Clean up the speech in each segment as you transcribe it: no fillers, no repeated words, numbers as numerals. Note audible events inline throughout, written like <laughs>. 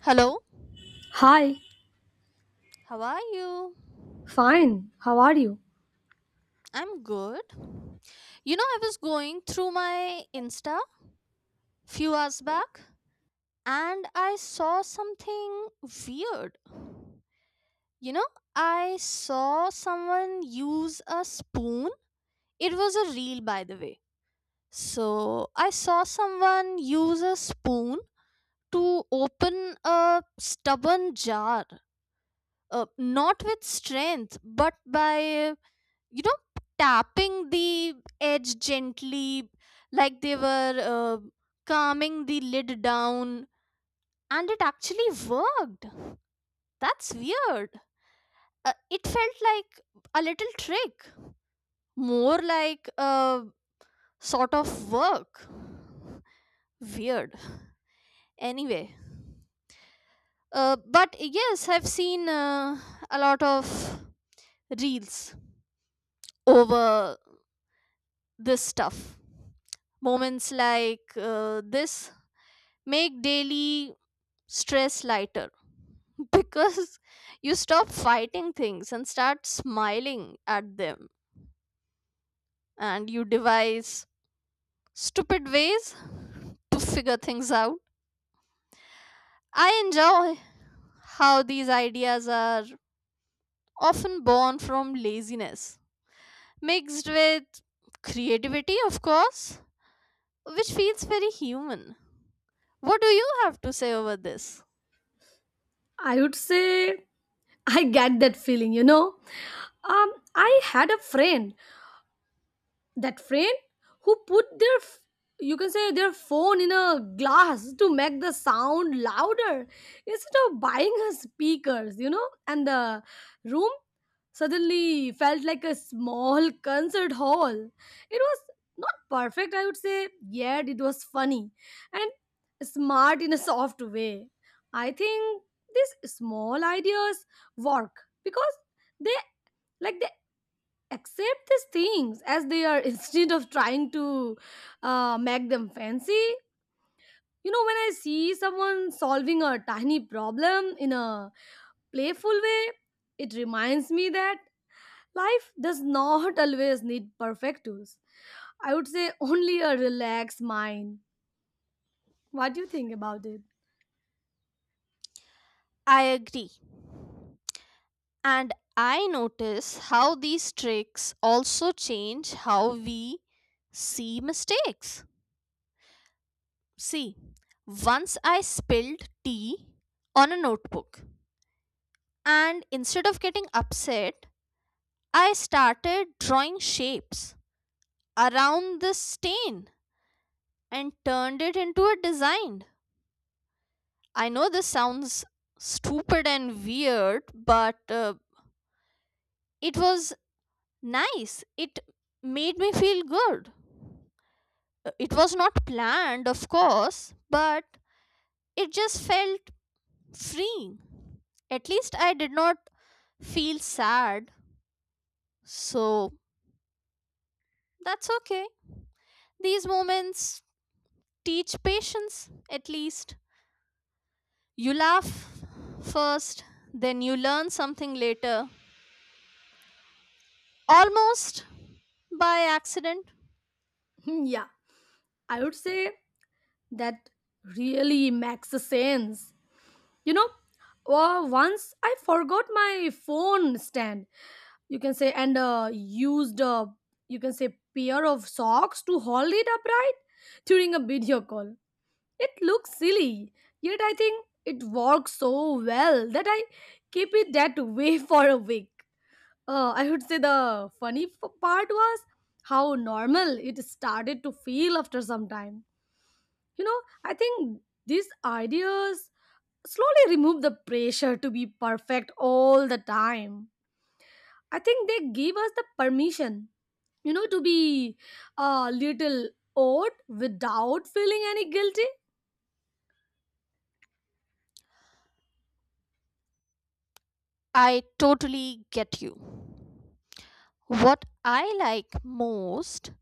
Hello, Hi, how are you? fine. How are you? I'm good. You know, I was going through my Insta few hours back and I saw something weird. You know, I saw someone use a spoon. It was a reel, by the way. So I saw someone use a spoon to open a stubborn jar, not with strength, but by you know tapping the edge gently like they were calming the lid down and it actually worked. That's weird. Uh, it felt like a little trick, more like a sort of work. Weird. Anyway, but yes, I've seen a lot of reels over this stuff. Moments like this make daily stress lighter <laughs> because you stop fighting things and start smiling at them, and you devise stupid ways to figure things out. I enjoy how these ideas are often born from laziness mixed with creativity, of course, which feels very human. What do you have to say over this? I would say I get that feeling, you know. I had a friend, that friend who put their you can say their phone in a glass to make the sound louder instead of buying her speakers, and the room suddenly felt like a small concert hall. It was not perfect, I would say, yet it was funny and smart in a soft way. I think these small ideas work because they they accept these things as they are <laughs> instead of trying to make them fancy. You know, when I see someone solving a tiny problem in a playful way, it reminds me that life does <laughs> not always need perfect tools. I would say only a relaxed mind. What do you think about it? <laughs> I agree. And I notice how these tricks also change how we see mistakes. See, once I spilled tea on a notebook, and instead of getting upset, I started drawing shapes around the stain and turned it into a design. I know this sounds stupid and weird, but it was nice. It made me feel good. It was not planned, of course, but it just felt freeing. At least I did not feel sad. So that's okay. These moments teach patience, at least. You laugh first, then you learn something later. Almost by accident. Hmm, yeah, I would say that really makes sense. You know, once I forgot my phone stand, you can say, and used a, you can say, pair of socks to hold it upright during a video call. It looks silly, yet I think it works so well that I keep it that way <laughs> for a week. I would say the funny part was how normal it started to feel after some time. You know, I think these ideas slowly remove the pressure to be perfect all the time. I think they give us the permission, to be a little odd without feeling any guilty. I totally get you. What I like most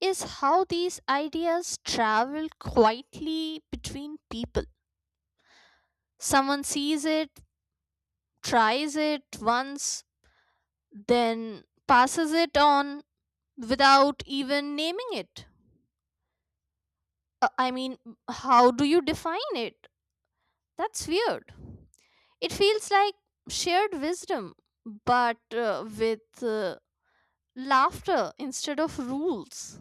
is how these ideas travel quietly between people. Someone sees it, tries it once, then passes it on without even naming it. I mean, how do you define it? That's weird. It feels like shared wisdom, but with laughter instead of rules.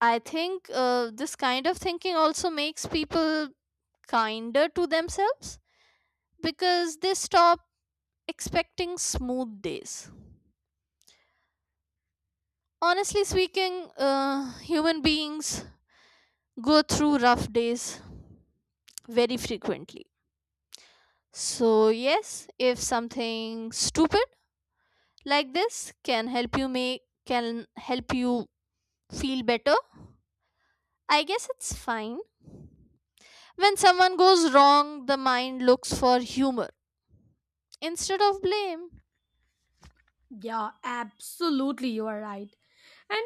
I think this kind of thinking also makes people kinder to themselves because they stop expecting smooth days. Honestly speaking, human beings go through rough days very frequently. So, yes, if something stupid like this can help you make can help you feel better, I guess it's fine. When someone goes wrong, the mind looks for humor instead of blame. Yeah, absolutely, you are right. And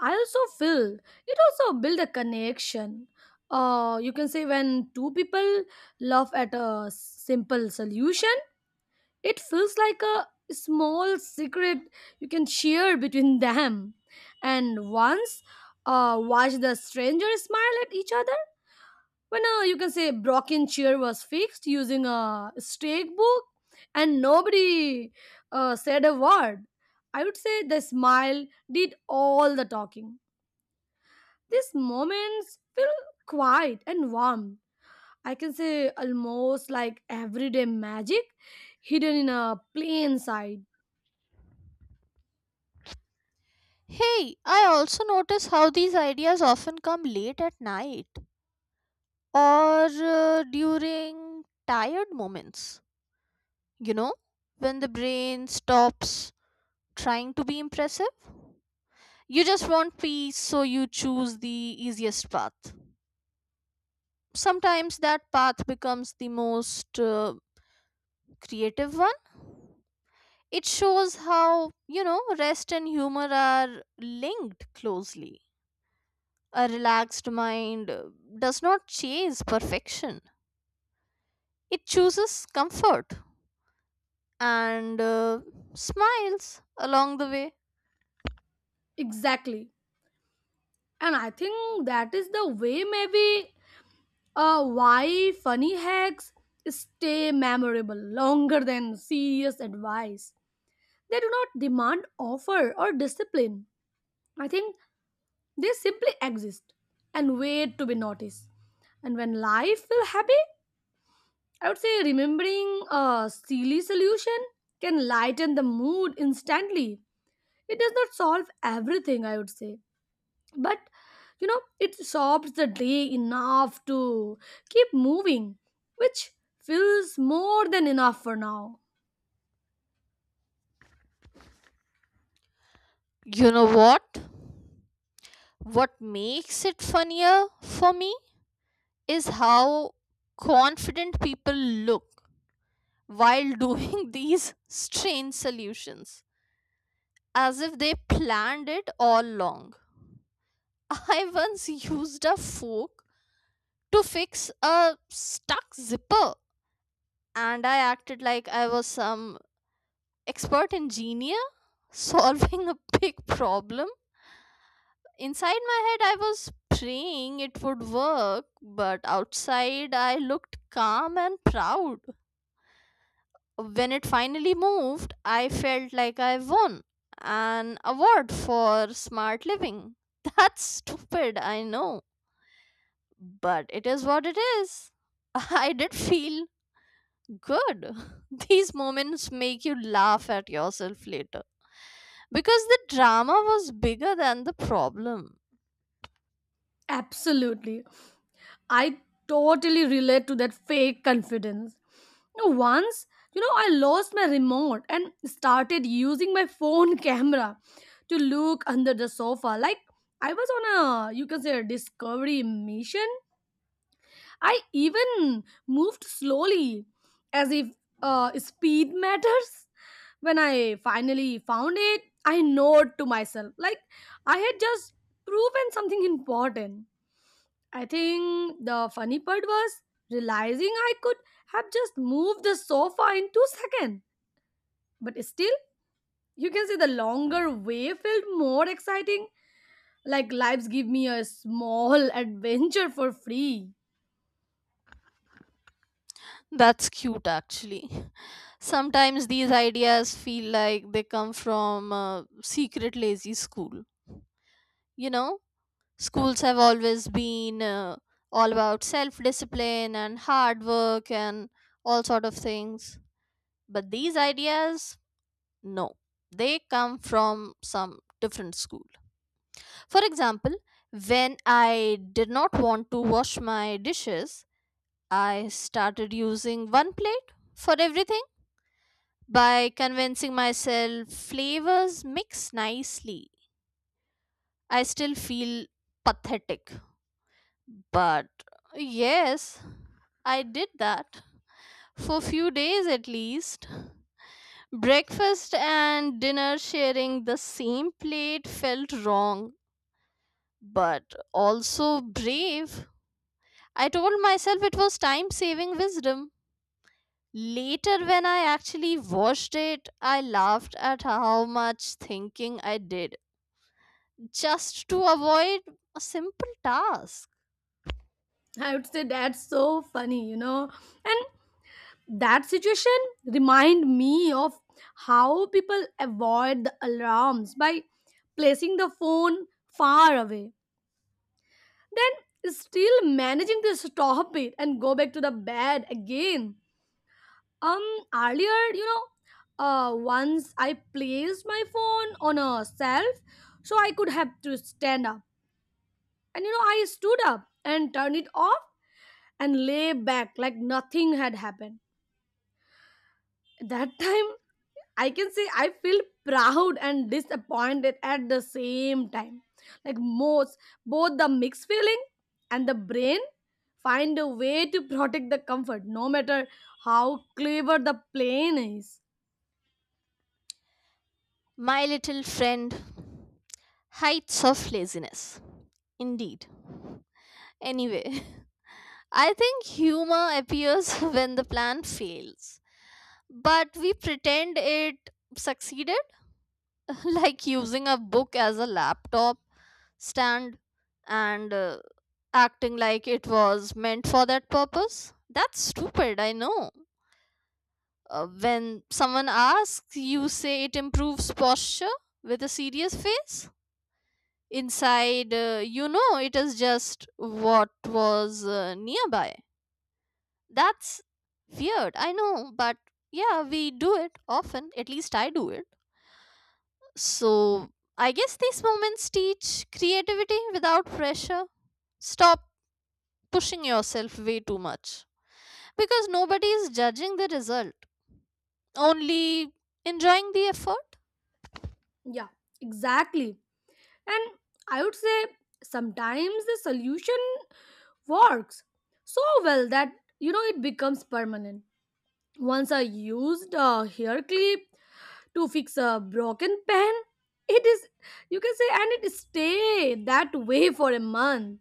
I also feel it also build a connection. You can say when two people laugh at a simple solution, it feels like a small secret you can share between <laughs> them. And once watch the stranger smile at each other when, you can say, Brocken chair was fixed using a stake book, and nobody said a word. I would say the smile did all the talking. These moments feel quiet and warm. I can say almost like everyday magic hidden in a plain sight. Hey, I also notice how these ideas often come late at night or during tired moments, you know, when the brain stops trying to be impressive. You just want peace, so you choose the easiest path. Sometimes that path becomes the most creative one. It shows how, you know, rest and humor are linked closely. A relaxed mind does not chase perfection, it chooses comfort and smiles along the way. Exactly. And I think that is the way, maybe. Why funny hacks stay memorable longer than serious advice? They do not demand offer or discipline. I think they simply exist and wait to be noticed. And when life feel happy, I would say remembering a silly solution can lighten the mood instantly. It does not solve everything, I would say, but it sobs the day enough to keep moving, which feels more than enough for now. You know what? What makes it funnier for me is how confident people look while doing <laughs> these strange solutions, as if they planned it all along. <laughs> I once used a fork to fix a stuck zipper and I acted like I was some expert engineer <laughs> solving a big problem. Inside my head, I was praying it would work, but outside, I looked calm and proud. When it finally moved, I felt like I won an award for smart living. <laughs> That's stupid, I know, but it is what it is. <laughs> I did feel good. <laughs> These moments make you laugh at yourself later, because the drama was bigger than the problem. Absolutely. I totally relate to that fake confidence. You know, once, I lost my remote and started using my phone <laughs> camera to look under the sofa, like I was on a, you can say, a discovery mission. I even moved slowly, as if, speed matters. When I finally found it, I nod to myself, like I had just proven something important. I think the funny part was realizing I could have just moved the sofa in 2 seconds. But still, you can say the longer way felt more exciting, like lives give me a small <laughs> adventure for free. That's cute, actually. <laughs> Sometimes these ideas feel like they come from a secret lazy school. You know, schools have always been all about self discipline and hard work and all sort of things. But these ideas, no, they come from some different school. For example, when I did not want to wash my dishes, I started using one plate for everything by convincing myself flavors mix nicely. I still feel pathetic, but yes, I did that for few days at least. Breakfast and dinner sharing the same plate felt wrong, but also brave. I told myself it was time saving wisdom. Later, when I actually watched it, I laughed at how much thinking I did just to avoid a simple task. I would say that's so funny, you know. And that situation remind me of how people avoid the alarms by placing the phone far away, then still managing to stop it and go back to the bed again. Um Earlier, you know, once I placed my phone on a shelf so I could have to stand up. And you know, I stood up and turned it off and lay back like nothing had happened. That <laughs> time, I can say I feel proud and disappointed at the same time. Like most, both the mixed feeling and the brain find a way to protect the comfort, no matter how clever the plane is. My little friend, Heights of Laziness. Indeed. Anyway, <laughs> I think humor appears <laughs> when the plan fails, but we pretend it succeeded. <laughs> Like using a book as a laptop stand and acting like it was meant for that purpose. That's stupid, I know. When someone asks, you say it improves posture with a serious face. Inside, you know it is just what was nearby. That's weird, I know, but yeah, we do it often. At least I do it. So I guess these moments teach creativity without pressure. Stop pushing yourself way too much because nobody is judging the result, only enjoying the effort. Yeah, exactly. And I would say sometimes the solution works so well that, you know, it becomes permanent. Once I used a hair clip to fix a broken pen. It is, you can say, and it stayed that way for a month.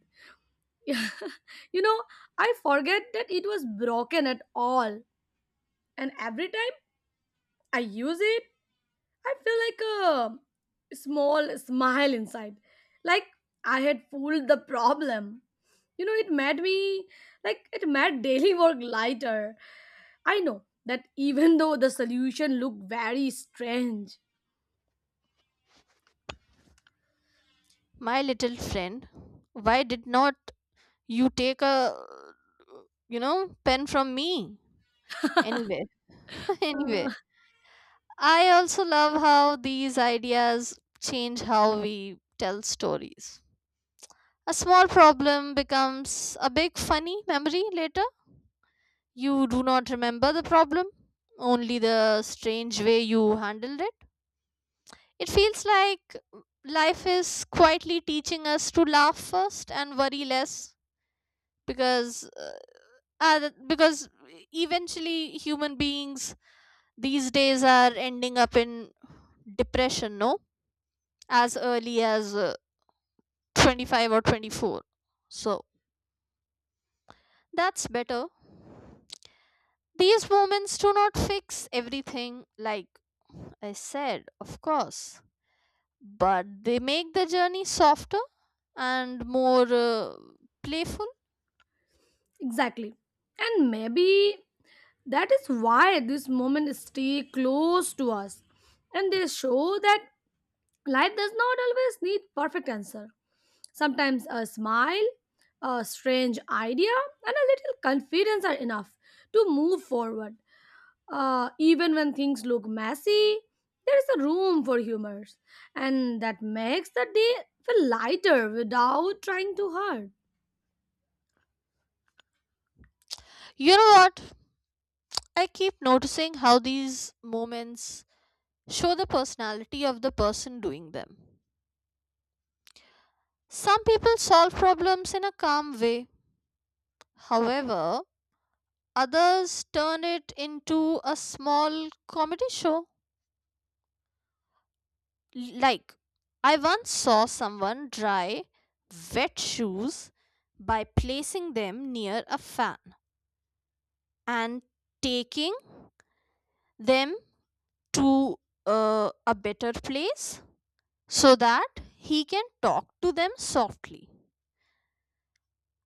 <laughs> You know, I forget that it was broken at all, and every time I use it, I feel like a small smile inside, like I had fooled the problem. You know, it made me, like it made daily work lighter. I know that, even though the solution looked very strange. My little friend, why did not you take a you know pen from me? Anyway, <laughs> anyway, <laughs> I also love how these ideas change how we tell stories. A small problem becomes a big funny memory later. You do not remember the problem, only the strange way you handled it. It feels like life is quietly teaching us to laugh first and worry less because uh, because eventually human beings these days are ending up in depression, no? As early as 25 or 24. So, that's better. These moments do not fix everything, like I said, of course, but they make the journey softer and more playful. Exactly. And maybe that is why these moments stay close to us. And they show that life does not always need perfect answer. Sometimes a smile, a strange idea, and a little confidence are enough to move forward. Even when things look messy, there is a room for humor. And that makes the day feel lighter without trying too hard. You know what? I keep noticing how these moments show the personality of the person doing them. Some people solve problems in a calm way, however, others turn it into a small comedy show. Like, I once saw someone dry wet shoes by placing them near a fan and taking them to a better place so that he can talk to them softly.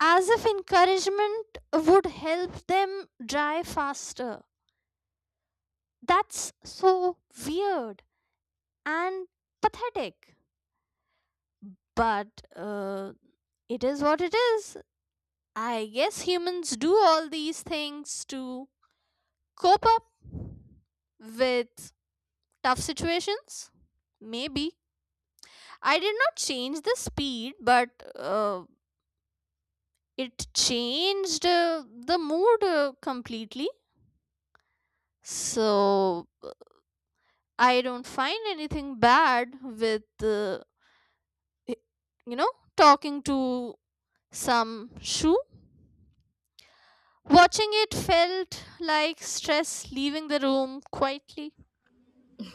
As if encouragement would help them dry faster. That's so weird and pathetic. But uh, it is what it is. I guess humans do all these things to cope up with tough situations. Maybe. I did not change the speed, but uh, it changed the mood completely. So I don't find anything bad with, y- you know, talking to some shoe. Watching it felt like stress leaving the room quietly.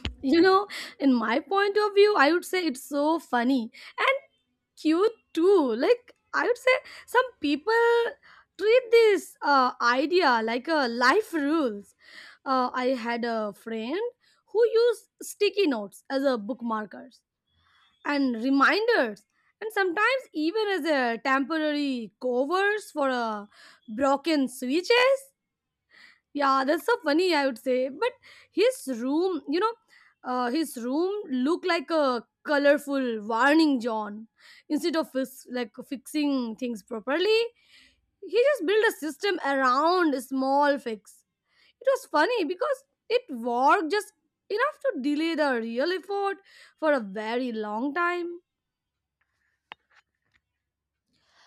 <laughs> You know, in my point of view, I would say it's so funny and cute too. Like, I would say some people treat this idea like a life rules. I had a friend who used sticky notes as a bookmarkers and reminders and sometimes even as a temporary covers for a broken switches. Yeah, that's so funny, I would say. But his room, you know, his room looked like a colorful warning John. Instead of fixing things properly, he just built a system around a small fix. It was funny because it worked just enough to delay the real effort for a very long time.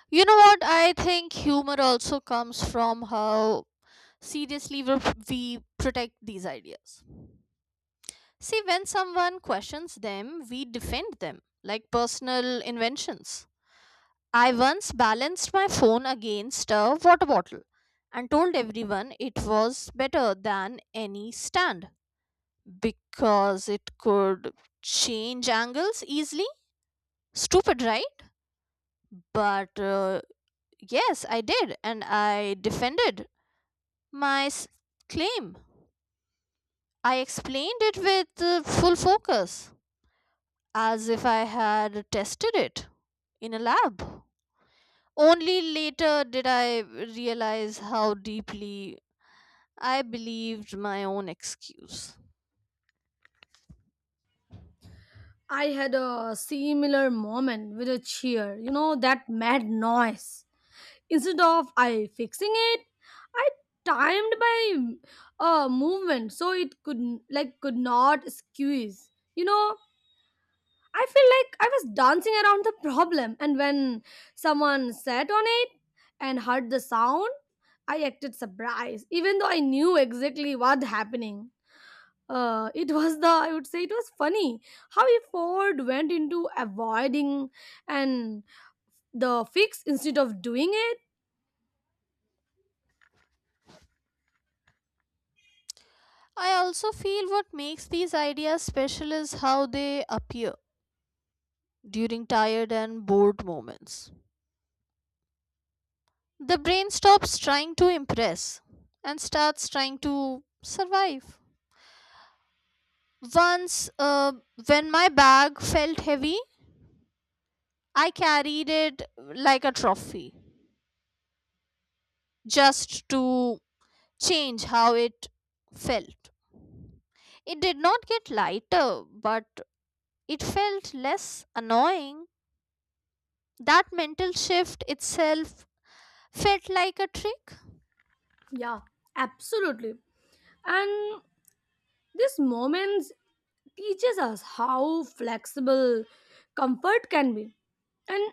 You know what? I think humor also comes from how seriously we protect these ideas. See, when someone questions them, we defend them like personal inventions. I once balanced my phone against a water bottle and told everyone it was better than any stand because it could change angles easily. Stupid, right? But yes, I did, and I defended my s- claim. I explained it with full focus, as if I had tested it in a lab. Only later did I realize how deeply I believed my own excuse. I had a similar moment with a cheer, you know, that mad noise. Instead of I fixing it, I timed by movement so it could not squeeze, you know. I feel like I was dancing around the problem, and when someone sat on it and heard the sound, I acted surprised even though I knew exactly what happening. It was the I would say it was funny how ford went into avoiding and the fix instead of doing it. I also feel what makes these ideas special is how they appear during tired and bored moments. The brain stops trying to impress and starts trying to survive. Once, when my bag felt heavy, I carried it like a trophy just to change how it felt. It did not get lighter, but it felt less annoying. That mental shift itself felt like a trick. Yeah, absolutely. And these moments teaches us how flexible comfort can be. And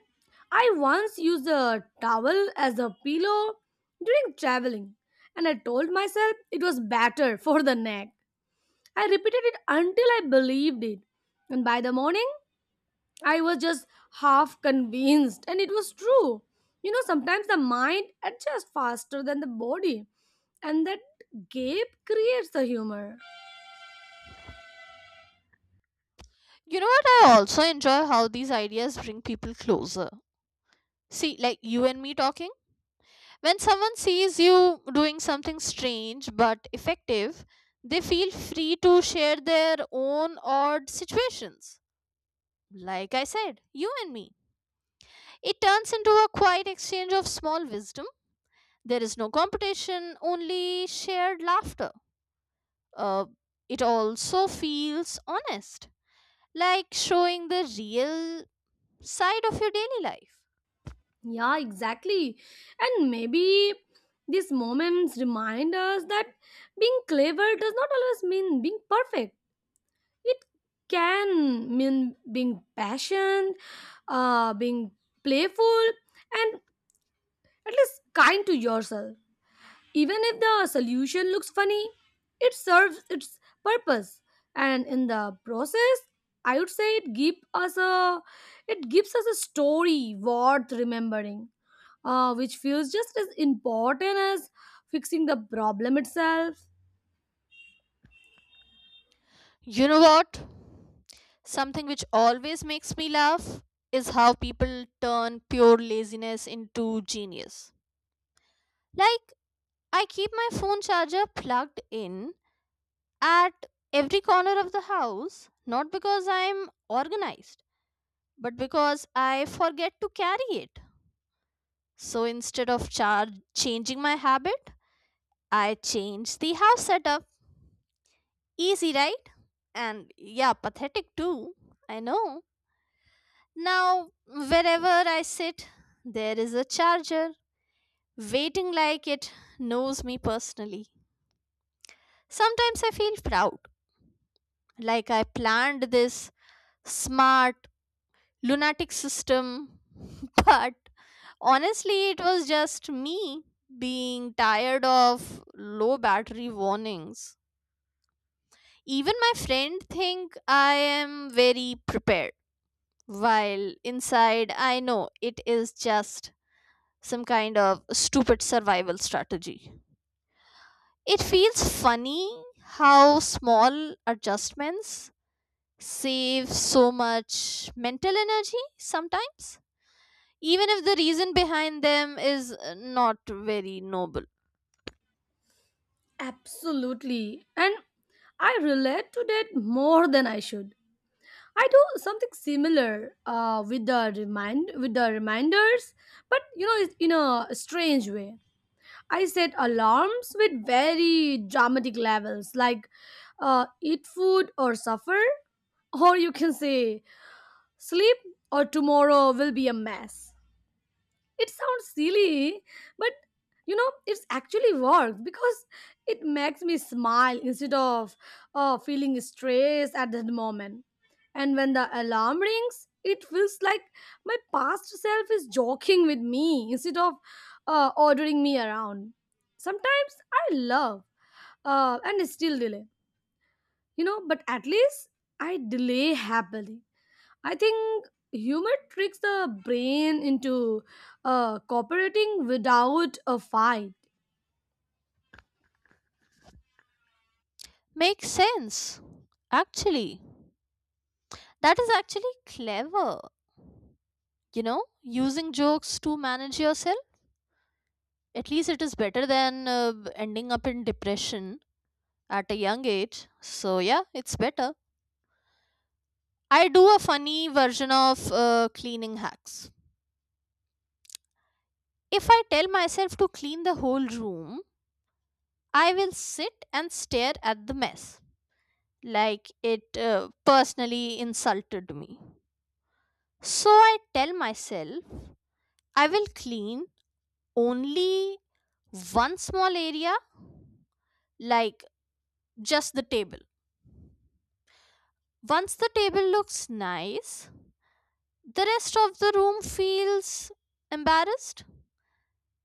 I once used a towel as a pillow during traveling, and I told myself it was better <laughs> for the neck. I repeated it until I believed it, and by the morning I was just half convinced, and it was true. You know, sometimes the mind adjusts faster than the body, and that gap creates the humor. You know what? I also enjoy how these ideas bring people closer. See, like you and me talking. When someone sees you doing something strange but effective, they feel free to share their own odd situations. Like I said, you and me. It turns into a quiet exchange of small wisdom. There is no competition, only shared laughter. Uh, it also feels honest, like showing the real side of your daily life. Yeah, exactly. And maybe these moments remind us that being clever does not always mean being perfect. It can mean being patient, being playful, and at least kind to yourself. Even if the solution looks funny, it serves its purpose. And in the process, I would say it gives us a, story worth remembering, which feels just as important as fixing the problem itself. You know what? Something which always makes me laugh is how people turn pure laziness into genius. Like, I keep my phone charger plugged in at every corner of the house, not because I'm organized, but because I forget to carry it. So instead of changing my habit, I change the house setup. Easy, right? And yeah, pathetic too. I know. Now, wherever I sit, there is a charger waiting like it knows me personally. Sometimes I feel proud, like I planned this smart, lunatic system, <laughs> but honestly, it was just me being tired of low battery warnings. Even my friend think I am very prepared, while inside I know it is just some kind of stupid survival strategy. It feels funny how small adjustments save so much mental energy sometimes, even if the reason behind them is not very noble. Absolutely. And I relate to that more than I should. I do something similar with the reminders, but you know, it's in a strange way. I set alarms with very dramatic levels, like eat food or suffer, or you can say sleep or tomorrow will be a mess. It sounds silly, but you know, it's actually works because it makes me smile instead of feeling stressed at that moment. And when the alarm rings, it feels like my past self is joking with me instead of ordering me around. Sometimes I love, and still delay, you know, but at least I delay happily. I think humor tricks the brain into cooperating without a fight. Makes sense, actually. That is actually clever, you know, using jokes to manage yourself. At least it is better than ending up in depression at a young age. So, yeah, it's better. I do a funny version of cleaning hacks. If I tell myself to clean the whole room, I will sit and stare at the mess, like it personally insulted me. So I tell myself I will clean only one small area, like just the table. Once the table looks nice, the rest of the room feels embarrassed,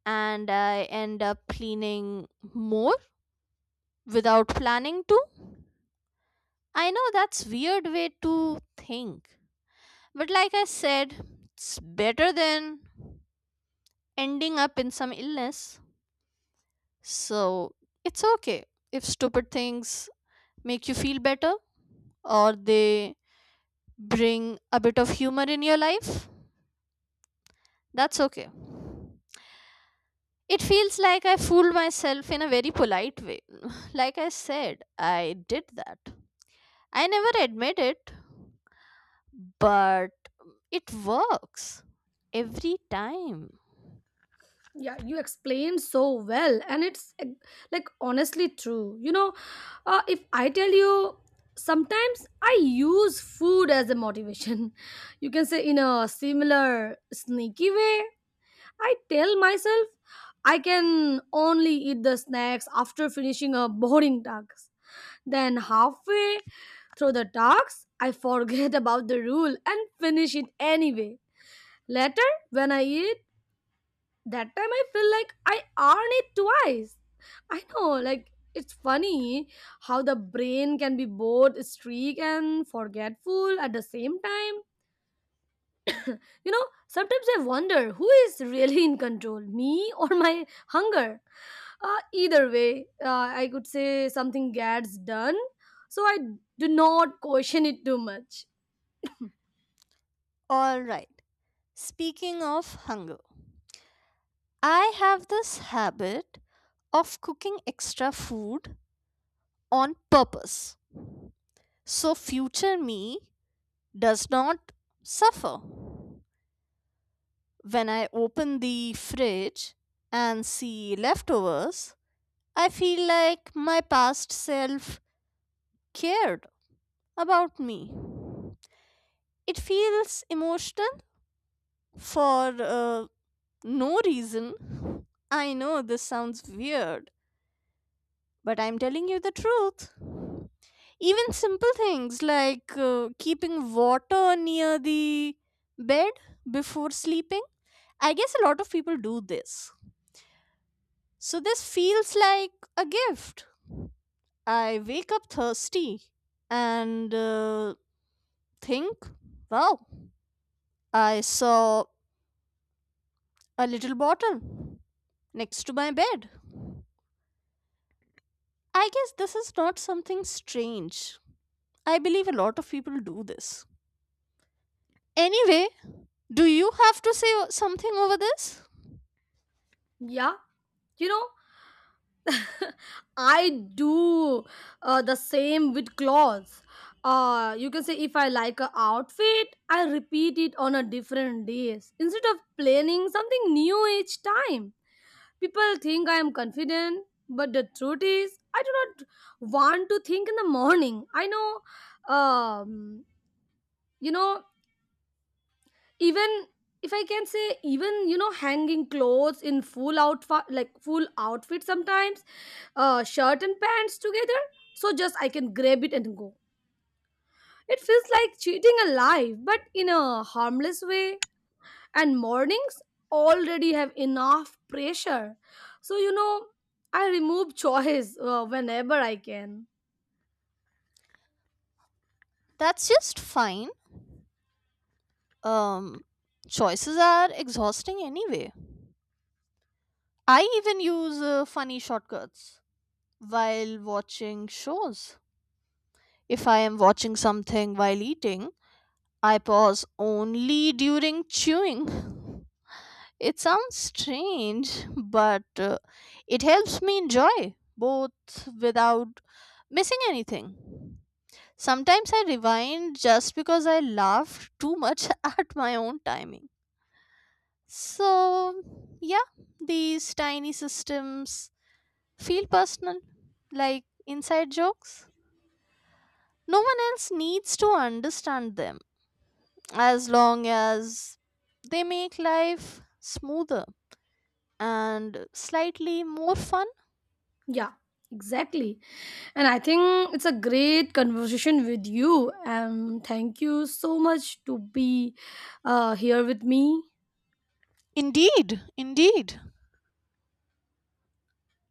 and I end up cleaning more without planning to. I know that's weird way to think. But like I said, it's better than ending up in some illness. So, it's okay if stupid things make you feel better or they bring a bit of humor in your life. That's okay. It feels like I fooled myself in a very polite way. <laughs> <sighs> Like I said, I did that. I never admit it, but it works every time. Yeah, you explained so well, and it's like honestly true. You know, if I tell you, sometimes I use food as a motivation. <laughs> You can say in a similar sneaky way. I tell myself I can only eat the snacks after finishing a boring task. Then, halfway through the talks, I forget <laughs> about the rule and finish it anyway. Later, when I eat, that time I feel like I earned it twice. I know, like, it's funny how the brain can be both streak and forgetful at the same time. You know, sometimes I wonder who is really in control, me or my hunger. Either way, I could say something gets done, so I do not question it too much. All right. Speaking of hunger, I have this habit of cooking extra food on purpose so future me does not suffer. When I open the fridge and see leftovers, I feel like my past self cared about me. It feels emotional for no reason. I know this sounds weird, but I'm telling you the truth. Even simple things like keeping water near the bed before sleeping. I guess a lot of people do this. So this feels like a gift. I wake up thirsty and think, wow, I saw a little bottle next to my bed. I guess this is not something strange. I believe a lot of people do this. Anyway, do you have to say something over this? Yeah, you know, I do the same with clothes. You can say if I like a outfit, I repeat it on a different days instead of planning something new each time. People think I am confident, but the truth is, I do not want to think in the morning. I know, you know, even if I can say, even you know, hanging clothes in full outfit, like full outfit sometimes, shirt and pants together, so just I can grab it and go. It feels like cheating a life but in a harmless way, and mornings already have enough pressure, so you know, I remove <laughs> choice whenever I can. That's just fine. Um, Choices are exhausting anyway. I even use funny shortcuts while watching shows. If I am watching something while eating, I pause only during chewing. <laughs> It sounds strange, but it helps me enjoy both without missing anything. Sometimes I rewind just because I laugh too much <laughs> at my own timing. So, yeah, these tiny systems feel personal, like inside jokes. No one else needs to understand them as long as they make life smoother and slightly more fun. Yeah, exactly. And I think it's a great conversation with you. And thank you so much to be here with me. Indeed, indeed.